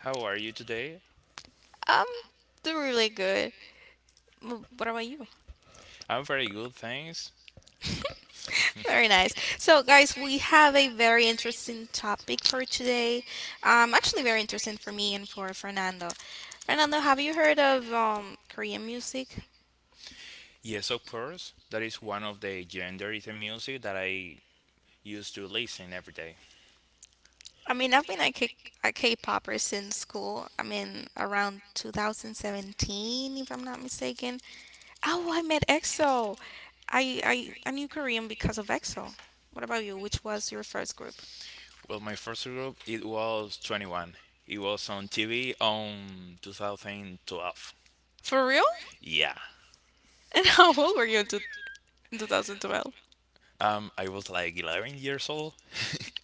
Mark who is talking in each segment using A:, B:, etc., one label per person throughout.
A: How are you today?
B: Um, they're really good. What about you?
A: I'm very good, thanks.
B: Very nice. So, guys, we have a very interesting topic for today. Actually, very interesting for me and for Fernando. Fernando, have you heard of Korean music?
A: Yes, of course. That is one of the genres in music that I used to listen every day.
B: I mean, I've been a K-popper since school. I mean, around 2017, if I'm not mistaken. Oh, I met EXO. I I I knew Korean because of EXO. What about you? Which was your first group?
A: Well, my first group it was 21. It was on TV on 2012.
B: For real?
A: Yeah.
B: And how old were you in 2012?
A: I was like 11 years old.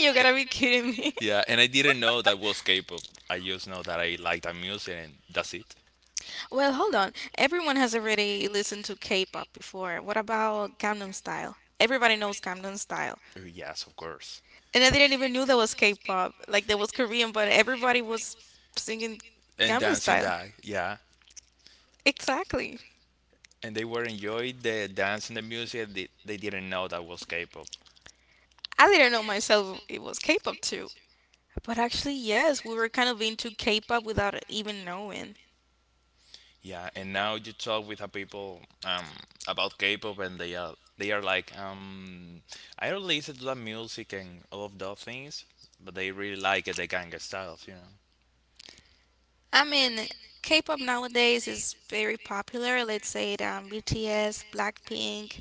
B: You gotta be kidding me.
A: Yeah, and I didn't know that was K-pop. I just know that I liked that music and that's it.
B: Well, hold on. Everyone has already listened to K-pop before. What about Gangnam Style? Everybody knows Gangnam Style.
A: Yes, of course.
B: And I didn't even knew there was K-pop. Like there was Korean, but everybody was singing
A: And
B: Gangnam
A: dancing
B: Style.
A: that, yeah.
B: Exactly.
A: And they were enjoying the dance and the music. They didn't know that was K-pop.
B: I didn't know myself it was K-pop too. But actually, yes, we were kind of into K-pop without even knowing.
A: Yeah, and now you talk with a people about K-pop, and they are like, I don't listen to that music and all of those things, but they really like it, the ganga styles.
B: I mean, K-pop nowadays is very popular. Let's say it, BTS, Blackpink,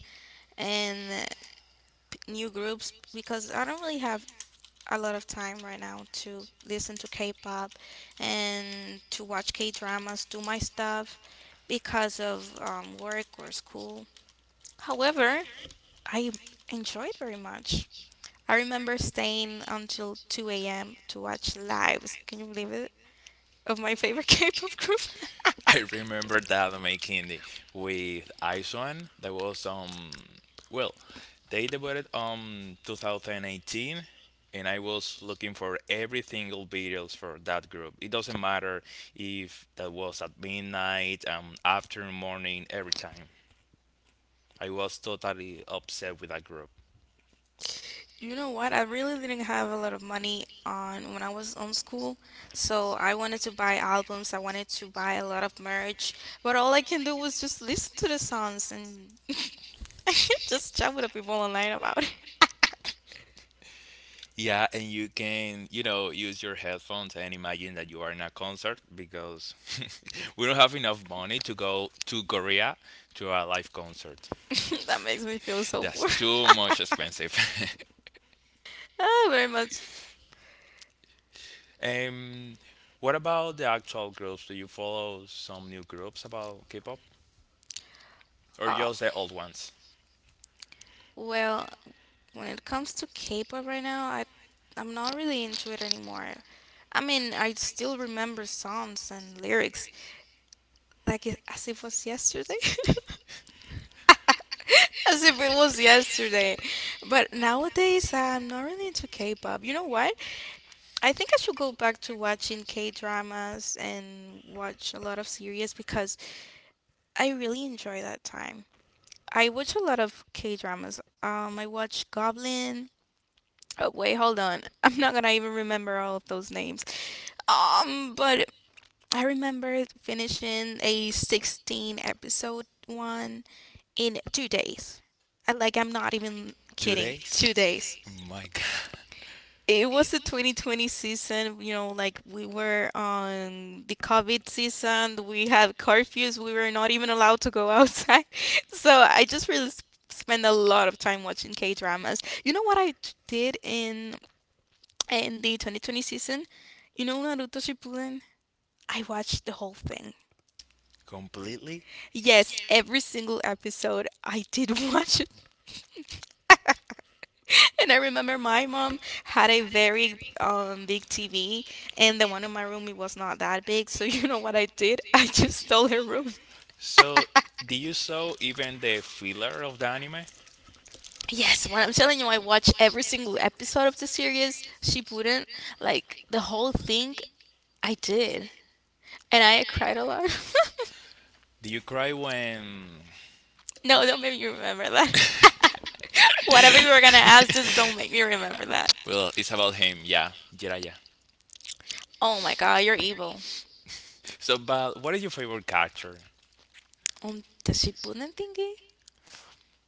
B: and new groups because I don't really have a lot of time right now to listen to K-pop and to watch K-dramas, do my stuff because of work or school. However, I enjoyed very much. I remember staying until 2 a.m. to watch lives. Can you believe it? Of my favorite K-pop group.
A: I remember that making the with Iceland. That was well, they debuted 2018, and I was looking for every single videos for that group. It doesn't matter if that was at midnight, after morning, every time. I was totally obsessed with that group.
B: You know what? I really didn't have a lot of money on when I was on school, so I wanted to buy albums, I wanted to buy a lot of merch, but all I can do was just listen to the songs and I can't just chat with the people online about it.
A: Yeah, and you can, you know, use your headphones and imagine that you are in a concert because we don't have enough money to go to Korea to a live concert.
B: That makes me feel so
A: That's
B: poor.
A: too much expensive.
B: Ah, very much.
A: Um, what about the actual groups? Do you follow some new groups about K-pop or
B: Ah.
A: just the old ones?
B: Well, when it comes to K-pop right now, I'm not really into it anymore. I mean, I still remember songs and lyrics like it, as if it was yesterday. As if it was yesterday. But nowadays, I'm not really into K-pop. You know what? I think I should go back to watching K-dramas and watch a lot of series because I really enjoy that time. I watch a lot of K-dramas. I watch Goblin. Oh, wait, hold on. I'm not gonna even remember all of those names. But I remember finishing a 16 episode one in 2 days. I, like, I'm not even
A: Two
B: kidding.
A: days?
B: 2 days.
A: My God,
B: It was the 2020 season, you know, like we were on the COVID season. We have curfews. We were not even allowed to go outside. So I just really spend a lot of time watching K dramas. You know what I did in the 2020 season? You know Naruto Shippuden? I watched the whole thing.
A: completely.
B: Yes, every single episode I did watch it. And I remember my mom had a very big TV, and the one in my room it was not that big. So you know what I did? I just stole her room.
A: So, do you saw even the filler of the anime?
B: Yes, when I'm telling you, I watched every single episode of the series. She wouldn't like the whole thing. I did, and I cried a lot.
A: Do you cry when
B: No, don't make me remember that. Whatever you were gonna ask, just don't make me remember that.
A: well, it's about him. Yeah, Jiraiya.
B: Oh my god, you're evil.
A: So, but what is your favorite character?
B: The Shippuden thingy?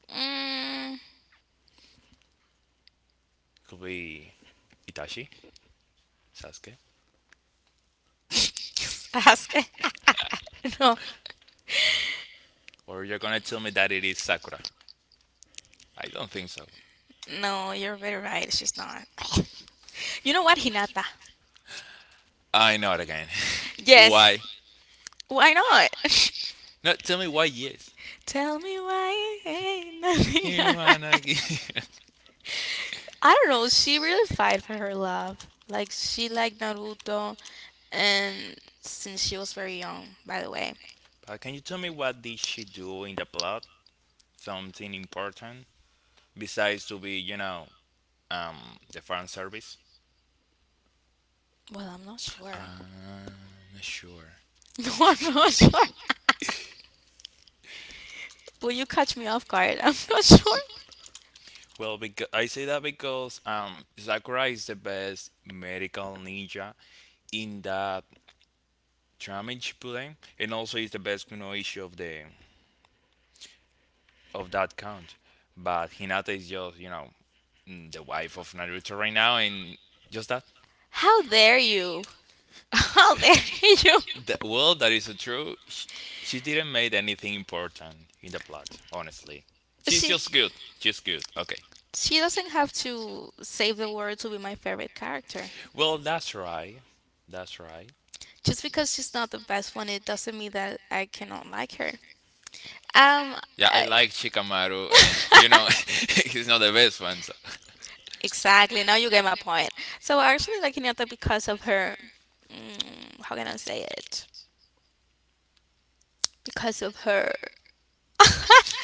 B: Mm,
A: Could be Itachi, Sasuke,
B: Ask. No,
A: or you're gonna tell me that it is Sakura? I don't think so.
B: no, you're very right. She's not. You know what, Hinata?
A: I know it again.
B: Yes.
A: Why?
B: Why not?
A: No, tell me why. Yes.
B: Tell me why it ain't
A: You
B: nothing.
A: wanna give-
B: I don't know. She really fight for her love. Like she liked Naruto, and since she was very young, by the way.
A: but can you tell me what did she do in the plot? Something important besides to be, you know, um, the fan service?
B: Well, I'm not sure.
A: Uh, sure.
B: No, I'm not sure. Will you catch me off guard? I'm not sure.
A: Well, because I say that because Sakura is the best medical ninja in that drama in Shippuden, and also is the best kunoichi of the of that count. But Hinata is just you know the wife of Naruto right now, and just that.
B: How dare you? How dare you?
A: Well, that is so true. She didn't make anything important in the plot, honestly. She's
B: She
A: just good. She's good. Okay.
B: she doesn't have to save the world to be my favorite character.
A: Well, that's right. That's right.
B: Just because she's not the best one, it doesn't mean that I cannot like her. Um,
A: Yeah, I
B: uh,
A: like Shikamaru, and you know, he's not the best one, so
B: exactly. Now you get my point. So I actually like Hinata because of her. How can I say it? Because of her.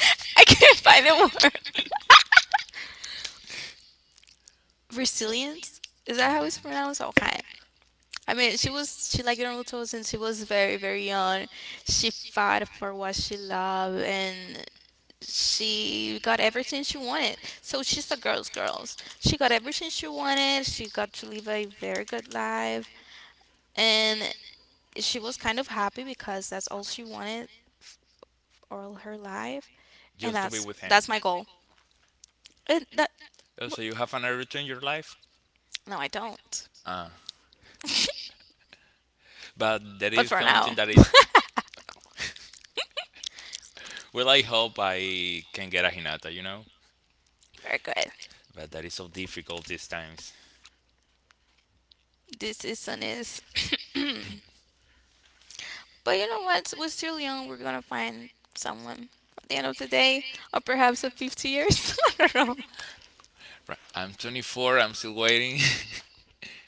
B: I can't find the word. Resilience. Is that how it's pronounced? Okay. I mean, she liked Naruto since she was very very young. She fought for what she loved, and she got everything she wanted. So she's a girl's girls. She got everything she wanted. She got to live a very good life and she was kind of happy because that's all she wanted all her life and
A: just to be
B: that's
A: with him.
B: that's my goal. And that,
A: Oh, so you have an routine in your life?
B: well, no, I don't.
A: Ah, but there
B: But
A: is
B: for
A: something
B: now,
A: that is. Well, I hope I can get a Hinata, you know?
B: very good.
A: But that is so difficult these times.
B: This is sun but you know what? We're still young. We're gonna find someone at the end of the day, or perhaps at 50 years. I don't know.
A: Right. I'm 24, I'm still waiting.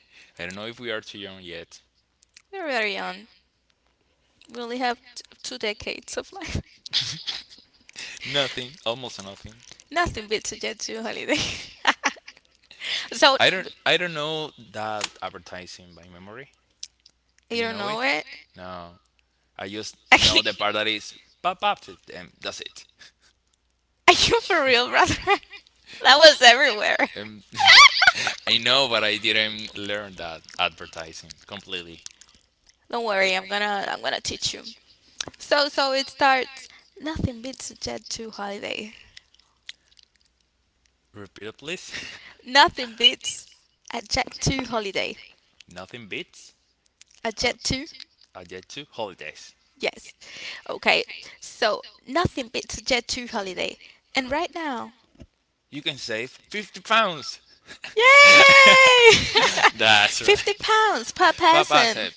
A: I don't know if we are too young yet.
B: We're very young. We only have 2 decades of life.
A: Nothing, almost nothing.
B: Nothing beats a Jet 2 holiday. So,
A: I don't know that advertising by memory. Do
B: you
A: you
B: don't
A: know it?
B: know it?
A: No. I just
B: I
A: know
B: can't.
A: the part that is pop up and that's it.
B: Are you for real, brother? That was everywhere.
A: Um, I know, but I didn't learn that advertising completely.
B: Don't worry, I'm gonna teach you. So it starts. Nothing beats a Jet 2 holiday.
A: Repeat it, please.
B: Nothing beats a Jet 2 holiday.
A: Nothing beats
B: A
A: a,
B: Jet 2.
A: a jet to holidays.
B: Yes. Okay. So nothing beats Jet 2 holiday. And right now,
A: You can save £50.
B: yay!
A: That's
B: 50
A: right.
B: pounds per
A: Papa
B: person.
A: said.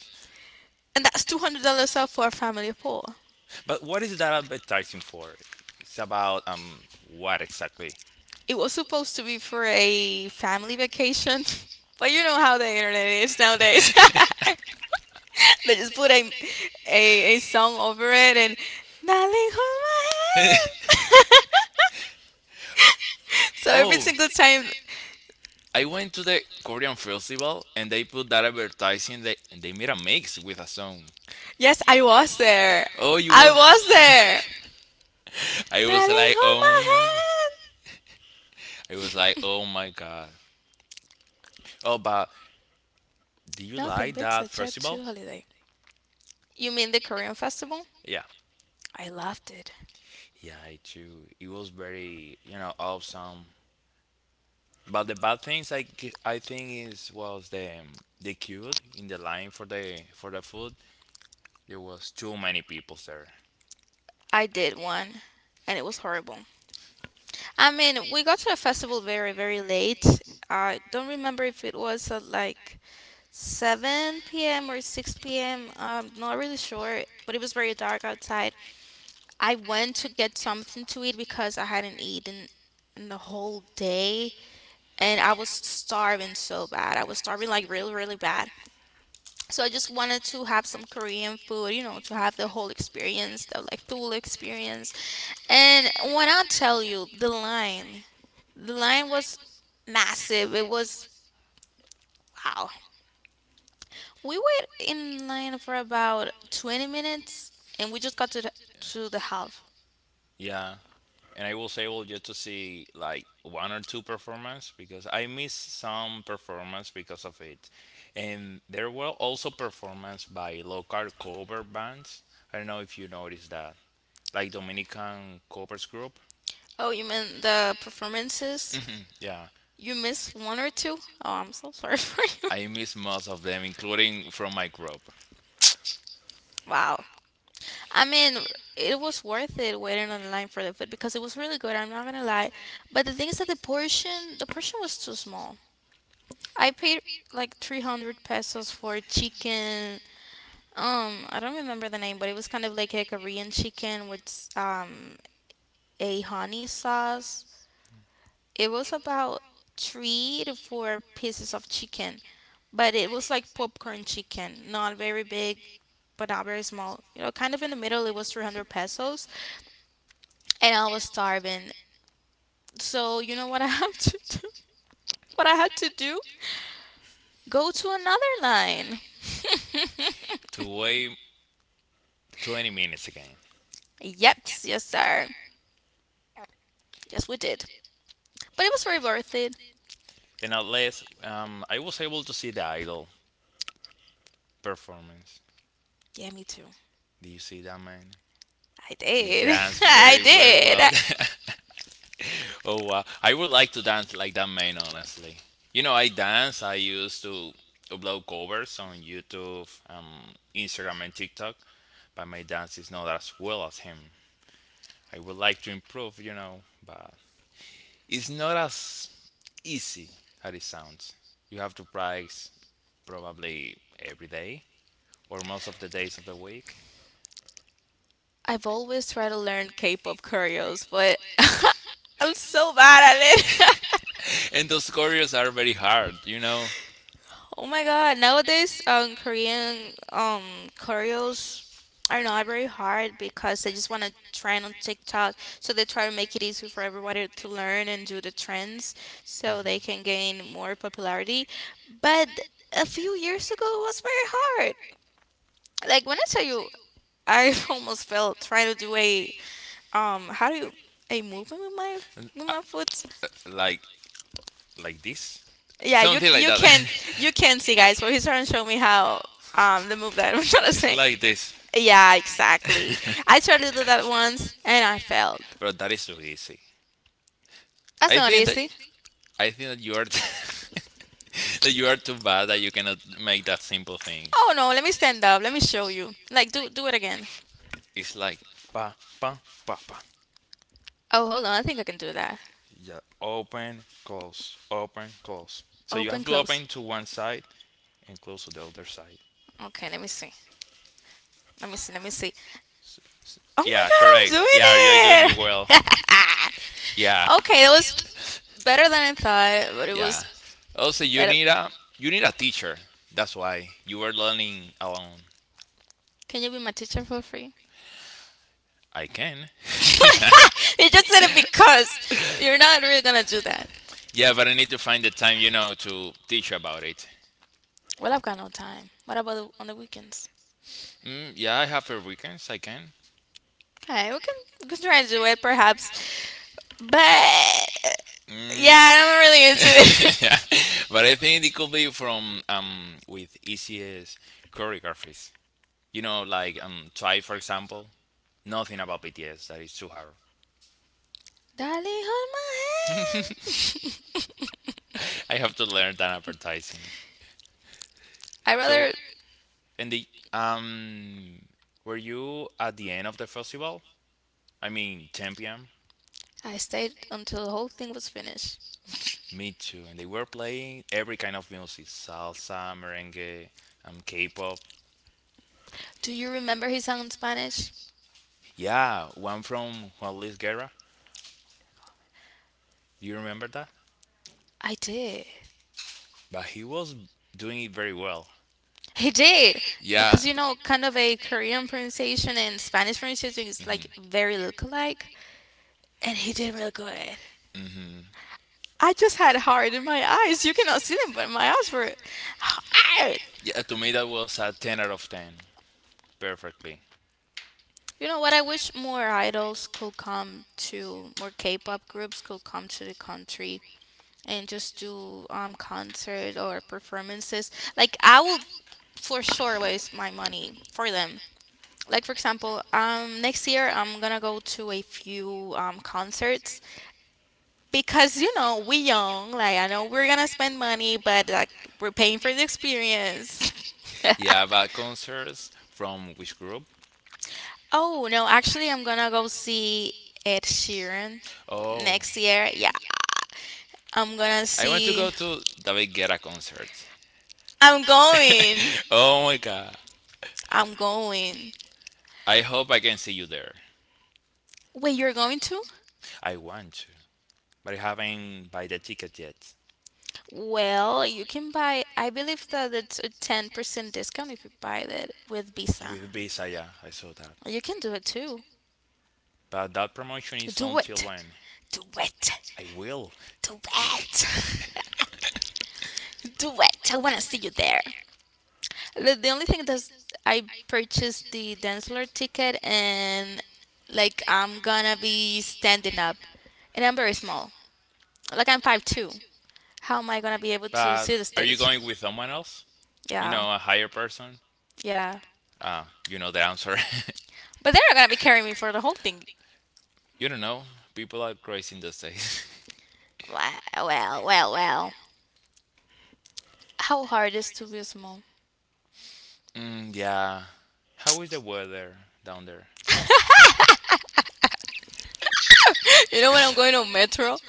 B: And that's $200 off for a family of four.
A: But what is that advertising for? It's about what exactly?
B: It was supposed to be for a family vacation, but you know how the internet is nowadays. They just put a song over it and, darling, hold my hand. So every
A: Oh,
B: single time.
A: I went to the Korean festival and they put that advertising. They and they made a mix with a song.
B: Yes, I was there.
A: Oh, you
B: I
A: was.
B: was there.
A: I was there. I was
B: Darling,
A: like,
B: hold
A: oh
B: my
A: my.
B: hand.
A: I was like, oh my god. Oh, but do you
B: Nothing
A: like
B: beats
A: that
B: a Jet 2
A: festival?
B: holiday. You mean the Korean festival?
A: Yeah.
B: I loved it.
A: Yeah, I too. It was very, you know, awesome. But the bad things I think is was the queue in the line for the food. There was too many people there.
B: I did one, and it was horrible. I mean, we got to a festival very, very late. I don't remember if it was at like 7 p.m. or 6 p.m. Not really sure, but it was very dark outside. I went to get something to eat because I hadn't eaten in the whole day and I was starving so bad. I was starving like really, really bad. So I just wanted to have some Korean food, you know, to have the whole experience, the like full experience. And when I tell you the line was massive. It was wow. We were in line for about 20 minutes and we just got to the half.
A: Yeah, and I was able just to see like one or two performance because I missed some performance because of it, and there were also performance by local cover bands. I don't know if you noticed that, like Dominican covers group.
B: Oh, you mean the performances?
A: Mhm. Yeah,
B: You missed one or two? Oh, I'm so sorry for you.
A: I missed most of them, including from my group,
B: Wow. I mean, it was worth it waiting on the line for the food because it was really good. I'm not gonna lie, but the thing is that the portion was too small. I paid like 300 pesos for chicken. I don't remember the name, but it was kind of like a Korean chicken with a honey sauce. It was about three to four pieces of chicken, but it was like popcorn chicken, not very big, but not very small. You know, kind of in the middle, it was 300 pesos. And I was starving. So you know what I have to do? What I had to do? Go to another line.
A: to wait 20 minutes again.
B: Yep, yes sir. Yes, we did. But it was very worth it.
A: And at least I was able to see the idol performance.
B: Yeah, me too.
A: Do you see that man?
B: I
A: He
B: did.
A: danced
B: I
A: very, very
B: did.
A: well. Oh, wow. I would like to dance like that man, honestly. You know, I dance. I used to upload covers on YouTube, Instagram, and TikTok, but my dance is not as well as him. I would like to improve, you know, but it's not as easy as it sounds. You have to practice probably every day or most of the days of the week.
B: I've always tried to learn K-pop choreos, but I'm so bad at it.
A: And those choreos are very hard, you know.
B: Oh my god, nowadays Korean choreos are not very hard because they just want to trend on TikTok. So they try to make it easy for everybody to learn and do the trends so
A: Mhm.
B: they can gain more popularity. But a few years ago it was very hard. Like when I tell you I almost fell trying to do a how do you a movement with my with
A: Uh,
B: my foot.
A: like like this.
B: Yeah, you
A: Something like
B: you
A: that.
B: can't you can't see guys, but he's trying to show me how the move that I'm trying to
A: It's
B: say.
A: like this.
B: Yeah, exactly. I tried to do that once and I failed.
A: But that is too easy.
B: That's
A: I
B: not
A: think that
B: easy.
A: I think that you are that you are too bad that you cannot make that simple thing.
B: Oh no, let me stand up. Let me show you. Like do it again.
A: It's like pa pa pa pa.
B: Oh, hold on. I think I can do that.
A: Yeah, open, close, open, close. So you
B: Open
A: have to
B: close.
A: open to one side and close to the other side.
B: Okay, let me see. Let me see. Let me see.
A: S-
B: Oh
A: yeah, correct. Yeah, you're doing
B: my god,
A: it well.
B: I'm doing it.
A: Yeah,
B: Okay, it was better than I thought, but it
A: yeah.
B: was.
A: Also,
B: But
A: you need a teacher. That's why you are learning alone.
B: Can you be my teacher for free?
A: I can.
B: You just said it because you're not really gonna do that.
A: Yeah, but I need to find the time, you know, to teach about it.
B: Well, I've got no time. What about the, on the weekends?
A: Yeah, I have a weekends. I can.
B: Okay, we can try and do it perhaps, but
A: Mm.
B: yeah, I'm not really into
A: Yeah,
B: it.
A: but I think it could be from with ECS choreographies. You know, like try for example, nothing about BTS. That is too hard.
B: Darling, hold my hand.
A: I have to learn that advertising.
B: I
A: So,
B: rather
A: and the um, were you at the end of the festival? I mean, 10 p.m.
B: I stayed until the whole thing was finished.
A: Me too. And they were playing every kind of music, salsa, merengue, K-pop.
B: Do you remember his song in Spanish?
A: Yeah, one from Juan Luis Guerra. Do you remember that?
B: I did.
A: But he was doing it very well.
B: He did
A: Yeah.
B: because you know, kind of a Korean pronunciation and Spanish pronunciation is
A: Hmm.
B: like very look alike, and he did real good.
A: Mhm.
B: I just had heart in my eyes. You cannot see them, but my eyes were hard.
A: Yeah, to me that was a 10 out of 10. Perfectly.
B: You know what? I wish more idols could come to more K-pop groups could come to the country and just do concerts or performances. Like I will for sure waste my money for them, like for example, next year I'm gonna go to a few concerts because you know we young, like I know we're gonna spend money, but like we're paying for the experience.
A: Yeah, but concerts from which group?
B: oh no, actually I'm gonna go see Ed Sheeran
A: Oh,
B: next year. Yeah, I'm gonna
A: I want to
B: see,
A: go to David Guetta concert.
B: I'm going,
A: Oh my god.
B: I'm going,
A: I hope I can see you there.
B: wait, you're going to.
A: I want to, but I haven't buy the ticket yet.
B: Well, you can buy, I believe that it's a 10% discount if you buy it with Visa.
A: With Visa, yeah, I saw that.
B: You can do it too.
A: But that promotion is
B: Do
A: until
B: it.
A: when?
B: Do it.
A: I will.
B: Do it. Do it. I want to see you there. The only thing that's, I purchased the dance floor ticket and like I'm gonna be standing up and I'm very small. Like I'm 5'2". How am I gonna be able to
A: But
B: see the
A: are you
B: stage?
A: going with someone else? You
B: Yeah,
A: know, a higher person?
B: yeah.
A: Ah, you know the answer.
B: But they're not gonna be carrying me for the whole thing.
A: You don't know. People are crazy in the States.
B: Wow, well, well, well. How hard is to be small?
A: Mm, yeah. How is the weather down there?
B: You know when I'm going on metro?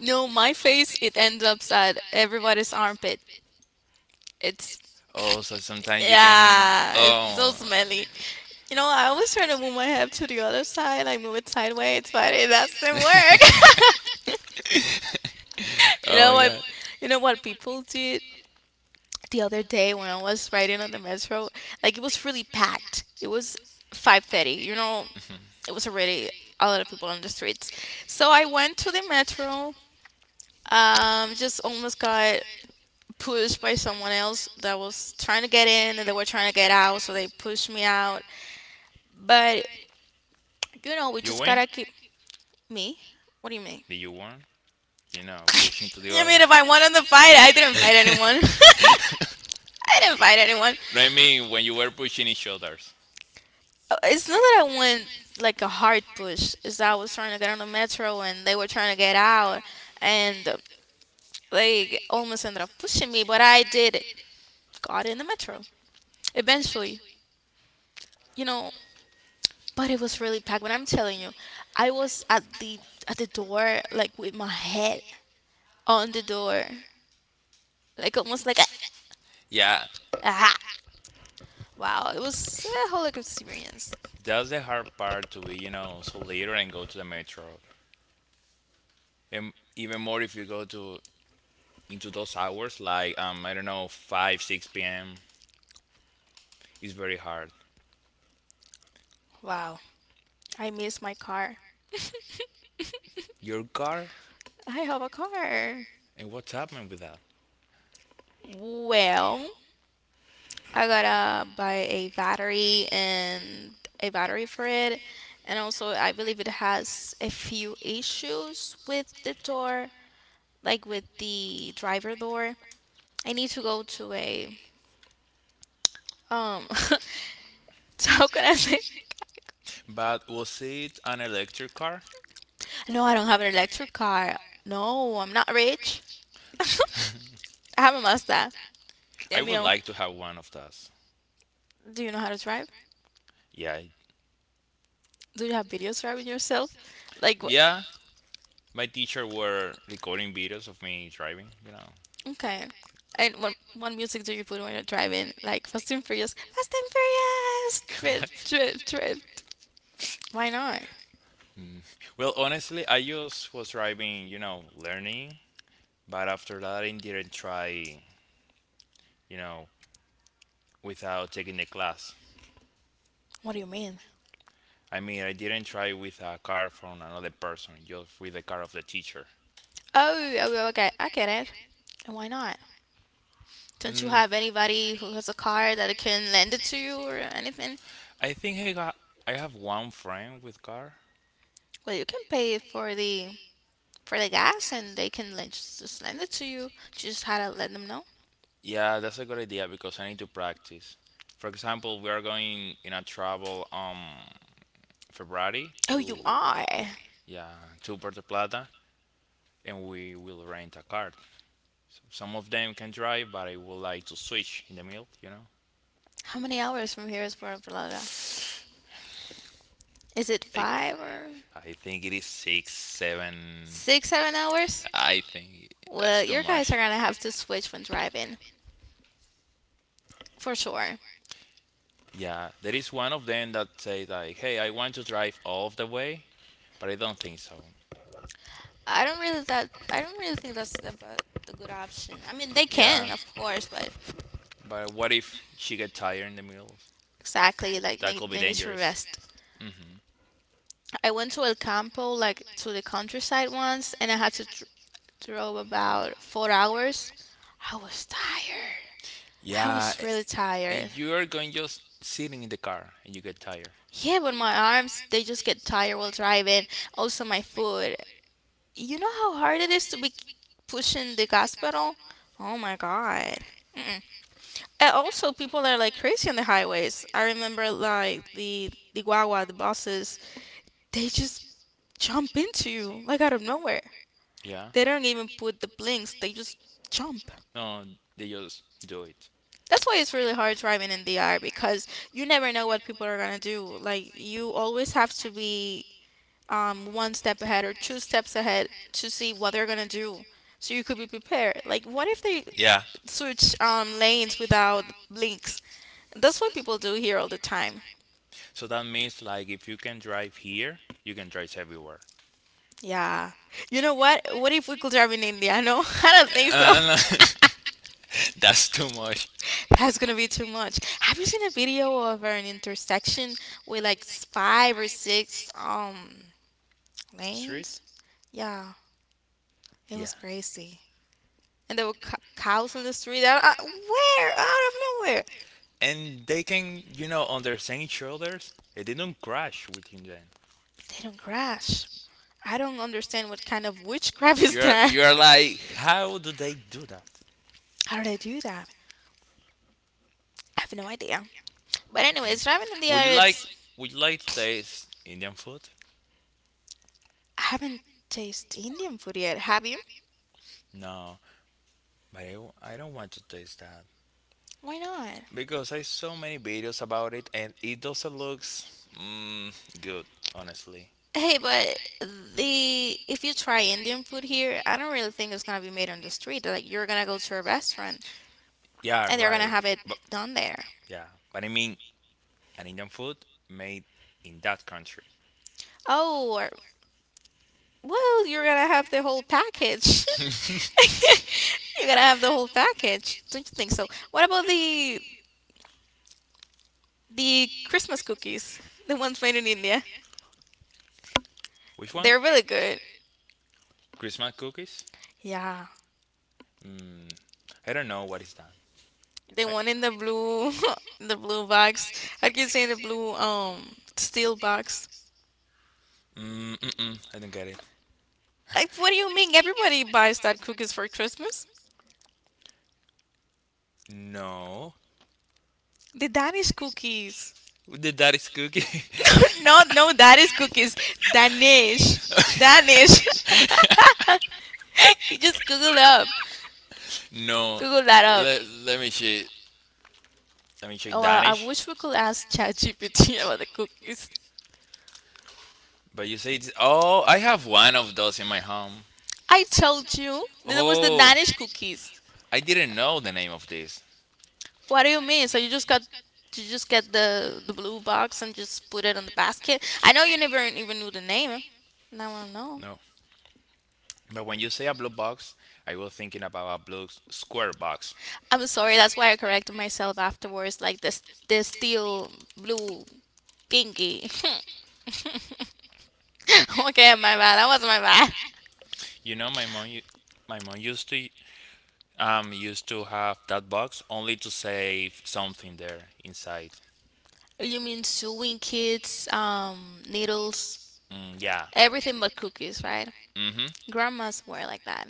B: No, my face it ends up at everybody's armpit. It's,
A: Oh, so sometimes you can.
B: yeah, it's
A: Oh.
B: so smelly. You know, I always try to move my head to the other side, I move it sideways, but it doesn't work. you
A: Oh
B: know
A: my
B: what?
A: god.
B: You know what people did the other day when I was riding on the metro? Like it was really packed. It was 5:30. You know,
A: Mhm.
B: it was already a lot of people on the streets. So I went to the metro, just almost got pushed by someone else that was trying to get in and they were trying to get out, so they pushed me out. But you know, we
A: You
B: just
A: win?
B: gotta keep me. What do you mean?
A: Did you won? You know, pushing to the
B: I
A: other.
B: mean, if I wanted to fight, I didn't fight anyone. I didn't fight anyone.
A: No, I mean when you were pushing each other's.
B: It's not that I went like a hard push. It's that I was trying to get on the metro and they were trying to get out, and they almost ended up pushing me. But I did got in the metro eventually. You know, but it was really packed. When I'm telling you, I was at the door, like with my head on the door, like almost like a,
A: Yeah,
B: ah. Wow, it was a whole experience.
A: that's the hard part to be, you know, so later and go to the metro. And even more if you go to into those hours, like I don't know, five, six p.m. is very hard.
B: Wow, I miss my car.
A: Your car
B: I have a car.
A: and what's happening with that?
B: Well, I gotta buy a battery and a battery for it, and also I believe it has a few issues with the door, like with the driver door. I need to go to a um so how can I say,
A: But was it an electric car?
B: no, I don't have an electric car. No, I'm not rich. I have a Mazda.
A: I
B: And,
A: would
B: you,
A: like to have one of those.
B: do you know how to drive?
A: Yeah,
B: Do you have videos driving yourself? Like, what?
A: yeah. My teacher were recording videos of me driving, you know.
B: Okay. And what music do you put when you're driving? Like, Fast and Furious. Fast and
A: What?
B: Furious! Drift, drift, drift. Why not?
A: Mm. Well, honestly, I just was driving, you know, learning, but after that, I didn't try, you know, without taking the class.
B: What do you mean?
A: I mean, I didn't try with a car from another person, just with the car of the teacher.
B: Oh, oh, okay. I get it. And why not? Don't you
A: Mm.
B: have anybody who has a car that can lend it to you or anything?
A: I think I got I have one friend with car.
B: Well, you can pay for the gas and they can like, just lend it to you. You just had to let them know.
A: Yeah, that's a good idea because I need to practice. For example, we are going in a travel February
B: Oh,
A: to
B: you are.
A: yeah to Puerto Plata, and we will rent a car. So some of them can drive, but I would like to switch in the middle. You know,
B: How many hours from here is Puerto Vallarta? Is it
A: like
B: five or
A: I think it is six, seven.
B: six, 7 hours?
A: I think that's
B: Well,
A: too
B: your guys are
A: much.
B: gonna have to switch when driving for sure.
A: Yeah, there is one of them that say like, "Hey, I want to drive all of the way," but I don't think so.
B: I don't really think that's the good option. I mean, they
A: Yeah,
B: can, of course, but
A: but what if she get tired in the middle?
B: exactly like
A: That
B: they,
A: could be
B: they need to
A: dangerous.
B: rest.
A: Hmm.
B: I went to El Campo, like to the countryside once, and I had to drove about 4 hours. I was tired. I
A: Yeah,
B: was really
A: and
B: tired.
A: you are going just sitting in the car and you get tired.
B: Yeah, but my arms, they just get tired while driving. Also, my foot. You know how hard it is to be pushing the gas pedal? Oh my god. Mm-mm. And also, people are like crazy on the highways. I remember like the guagua, the buses, they just jump into you like out of nowhere.
A: Yeah,
B: They don't even put the blinks, they just jump.
A: no, they just do it.
B: That's why it's really hard driving in the DR because you never know what people are gonna do. Like you always have to be one step ahead or two steps ahead to see what they're gonna do, so you could be prepared. Like, what if they
A: Yeah,
B: switch lanes without blinks? That's what people do here all the time.
A: so that means like if you can drive here, you can drive everywhere.
B: Yeah. You know what? What if we could drive in India? No, I don't think so.
A: Uh, that's too much.
B: That's gonna be too much. Have you seen a video of an intersection with like five or six
A: Street?
B: lanes? Yeah, it
A: Yeah.
B: was crazy. And there were cows in the street. Out I, where? Out of nowhere.
A: And they can, you know, on their same shoulders, it didn't crash with Hyunjin.
B: They don't crash. I don't understand what kind of witchcraft is
A: You're
B: that.
A: you're like how do they do that?
B: How do they do that? I have no idea. But anyways, ramen in the
A: Would you
B: air,
A: like
B: it's...
A: to taste Indian food?
B: I haven't tasted Indian food yet. Have you?
A: No, but I don't want to taste that
B: Why not?
A: because I saw many videos about it and it doesn't looks mm, good, honestly.
B: Hey, but the if you try Indian food here, I don't really think it's gonna be made on the street. Like you're gonna go to a restaurant
A: Yeah,
B: and they're gonna
A: right.
B: have it
A: But
B: done there.
A: yeah, but I mean, an Indian food made in that country.
B: Oh, or, well, you're gonna have the whole package. You gotta have the whole package, don't you think so? What about the Christmas cookies, the ones made in India?
A: Which one?
B: They're really good.
A: Christmas cookies?
B: Yeah,
A: Mm, I don't know what is that.
B: the
A: I,
B: one in the blue, in the blue box. I can say the blue steel box.
A: mm-mm, I don't get it.
B: Like, what do you mean? Everybody buys that cookies for Christmas.
A: No.
B: The Danish cookies.
A: The daddy's cookie.
B: no, no Danish cookies. Danish, Danish. you just Google up.
A: No.
B: Google that up.
A: Let, let me check. Let me check
B: Oh, I
A: Danish.
B: wish we could ask ChatGPT about the cookies.
A: But you say it's. Oh, I have one of those in my home.
B: I told you there was the
A: Oh,
B: Danish cookies.
A: I didn't know the name of this.
B: What do you mean? So you just get the blue box and just put it on the basket? I know you never even knew the name. Now I know.
A: No. But when you say a blue box, I was thinking about a blue square box.
B: I'm sorry. That's why I corrected myself afterwards. Like this the steel blue thingy. okay, my bad. That was my bad.
A: You know, my mom used to used to have that box only to save something there inside.
B: You mean sewing kits, needles,
A: Mm, yeah.
B: everything but cookies, right?
A: Mm-hmm.
B: Grandmas were like that.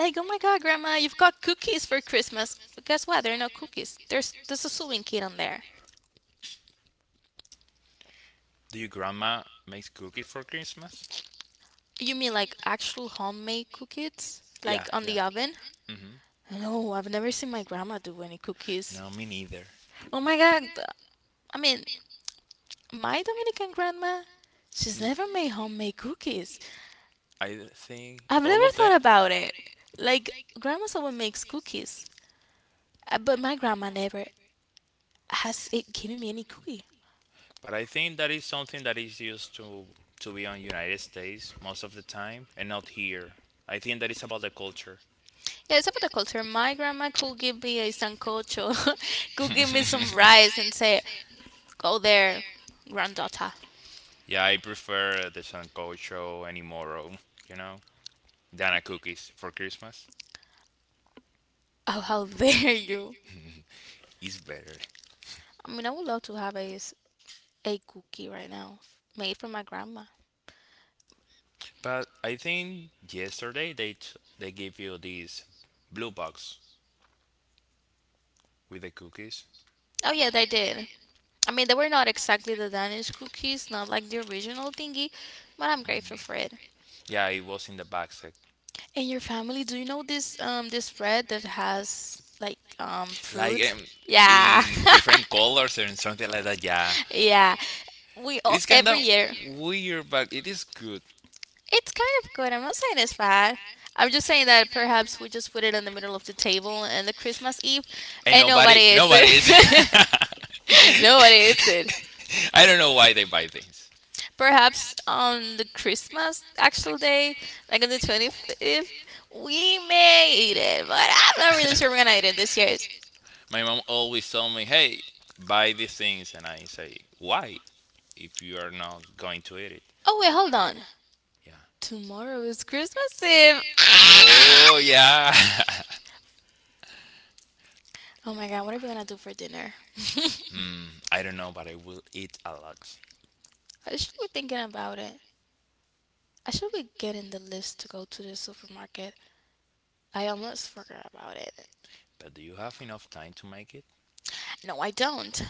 B: Like, oh my God, Grandma, you've got cookies for Christmas. But guess what? There are no cookies. There's a sewing kit on there.
A: Do your grandma makes cookies for Christmas?
B: You mean like actual homemade cookies?
A: Yeah,
B: Like on
A: yeah.
B: the oven?
A: Mm-hmm.
B: No, I've never seen my grandma do any cookies.
A: No, me neither.
B: Oh my God. I mean, my Dominican grandma, she's
A: N-
B: never made homemade cookies.
A: I think
B: I've
A: all
B: never
A: of them.
B: thought about it. Like, grandma's always makes cookies. But my grandma never has it given me any cookie.
A: But I think that is something that is used to be on United States most of the time and not here. I think that is about the culture.
B: Yeah, it's about the culture. My grandma could give me a sancocho, could give me some rice and say, go there, granddaughter.
A: Yeah, I prefer the sancocho anymore, you know, than a cookies for Christmas.
B: Oh, how dare you!
A: It's better.
B: I mean, I would love to have a, a cookie right now made from my grandma.
A: But I think yesterday they they gave you this blue box with the cookies.
B: Oh, yeah, they did. I mean, they were not exactly the Danish cookies, not like the original thingy, but I'm grateful for it.
A: Yeah, it was in the back sec.
B: And your family, do you know this this bread that has like
A: Like
B: fruit? Yeah.
A: in different colors and something like that. Yeah.
B: yeah. We
A: It
B: all
A: is kind of
B: every year.
A: weird, but it is good.
B: It's kind of good. I'm not saying it's bad. I'm just saying that perhaps we just put it in the middle of the table and the Christmas Eve,
A: Ain't
B: and
A: nobody,
B: nobody eats
A: nobody is.
B: it. nobody eats it.
A: I don't know why they buy things.
B: Perhaps on the Christmas actual day, like on the 25th, we may eat it, but I'm not really sure we're gonna eat it this year.
A: My mom always told me, "Hey, buy these things," and I say, "Why? If you are not going to eat it."
B: Oh, wait, hold on.
A: Yeah.
B: Tomorrow is Christmas Eve.
A: Oh yeah.
B: Oh my god, what are we gonna do for dinner?
A: Mm, I don't know, but I will eat a lot.
B: I should be thinking about it. I should be getting the list to go to the supermarket. I almost forgot about it.
A: But do you have enough time to make it?
B: No, I don't.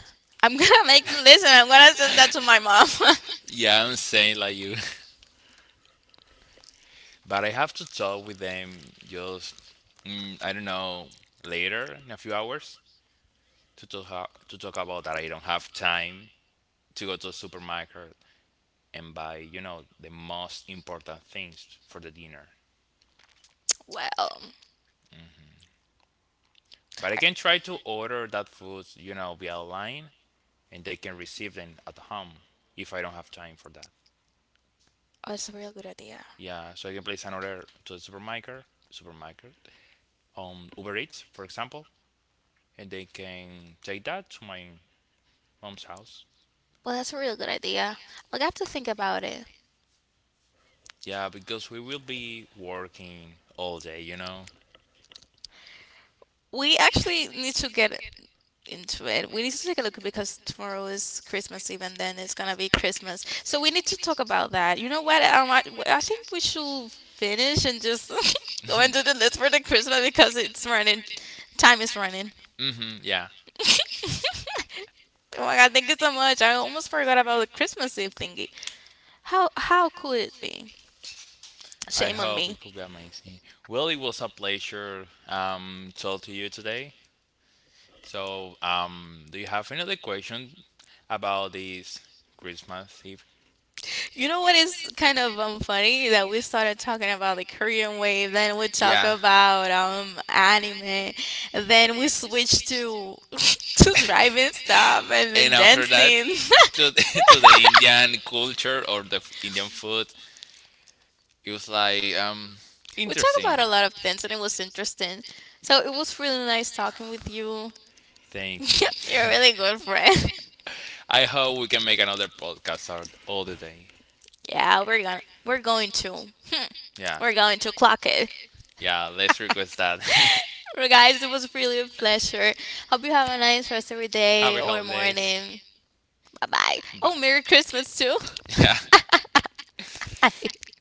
B: I'm gonna make the list and I'm gonna send that to my mom.
A: Yeah, I'm saying like you. But I have to talk with them just, mm, I don't know, later in a few hours. To talk about that I don't have time to go to the supermarket and buy, you know, the most important things for the dinner.
B: well, I-
A: But I can try to order that food, you know, via online and they can receive them at home if I don't have time for that.
B: oh, that's a real good idea.
A: Yeah, so I can place an order to the supermarket on Uber Eats, for example, and they can take that to my mom's house.
B: Well, that's a real good idea. I'll have to think about it.
A: Yeah, because we will be working all day, you know.
B: We actually need to get into it. We need to take a look because tomorrow is Christmas Eve and then it's gonna be Christmas. So we need to talk about that. You know what? I think we should finish and just go into the list for the Christmas because it's running. Time is running.
A: Hmm, yeah.
B: Oh my god, thank you so much. I almost forgot about the Christmas Eve thingy. How could it be?
A: I
B: Shame on
A: hope
B: me.
A: it could be amazing. Willie, was a pleasure talk to you today. So, do you have any other question about this Christmas Eve?
B: You know what is kind of funny that we started talking about the Korean wave, then we talk
A: Yeah.
B: about anime, then we switch to to driving stuff and then
A: And after that,
B: dancing.
A: to to the Indian culture or the Indian food, it was like
B: we talk
A: interesting.
B: about a lot of things and it was interesting. So it was really nice talking with you.
A: Thank you.
B: You're a really good friend.
A: I hope we can make another podcast all the day.
B: yeah, we're going to. Hmm.
A: Yeah,
B: We're going to clock it.
A: yeah. Let's request that.
B: Well, guys, it was really a pleasure. Hope you have a nice rest of your day
A: Happy
B: or
A: holidays.
B: morning. Bye bye. Oh,
A: Bye.
B: Merry Christmas too.
A: Yeah.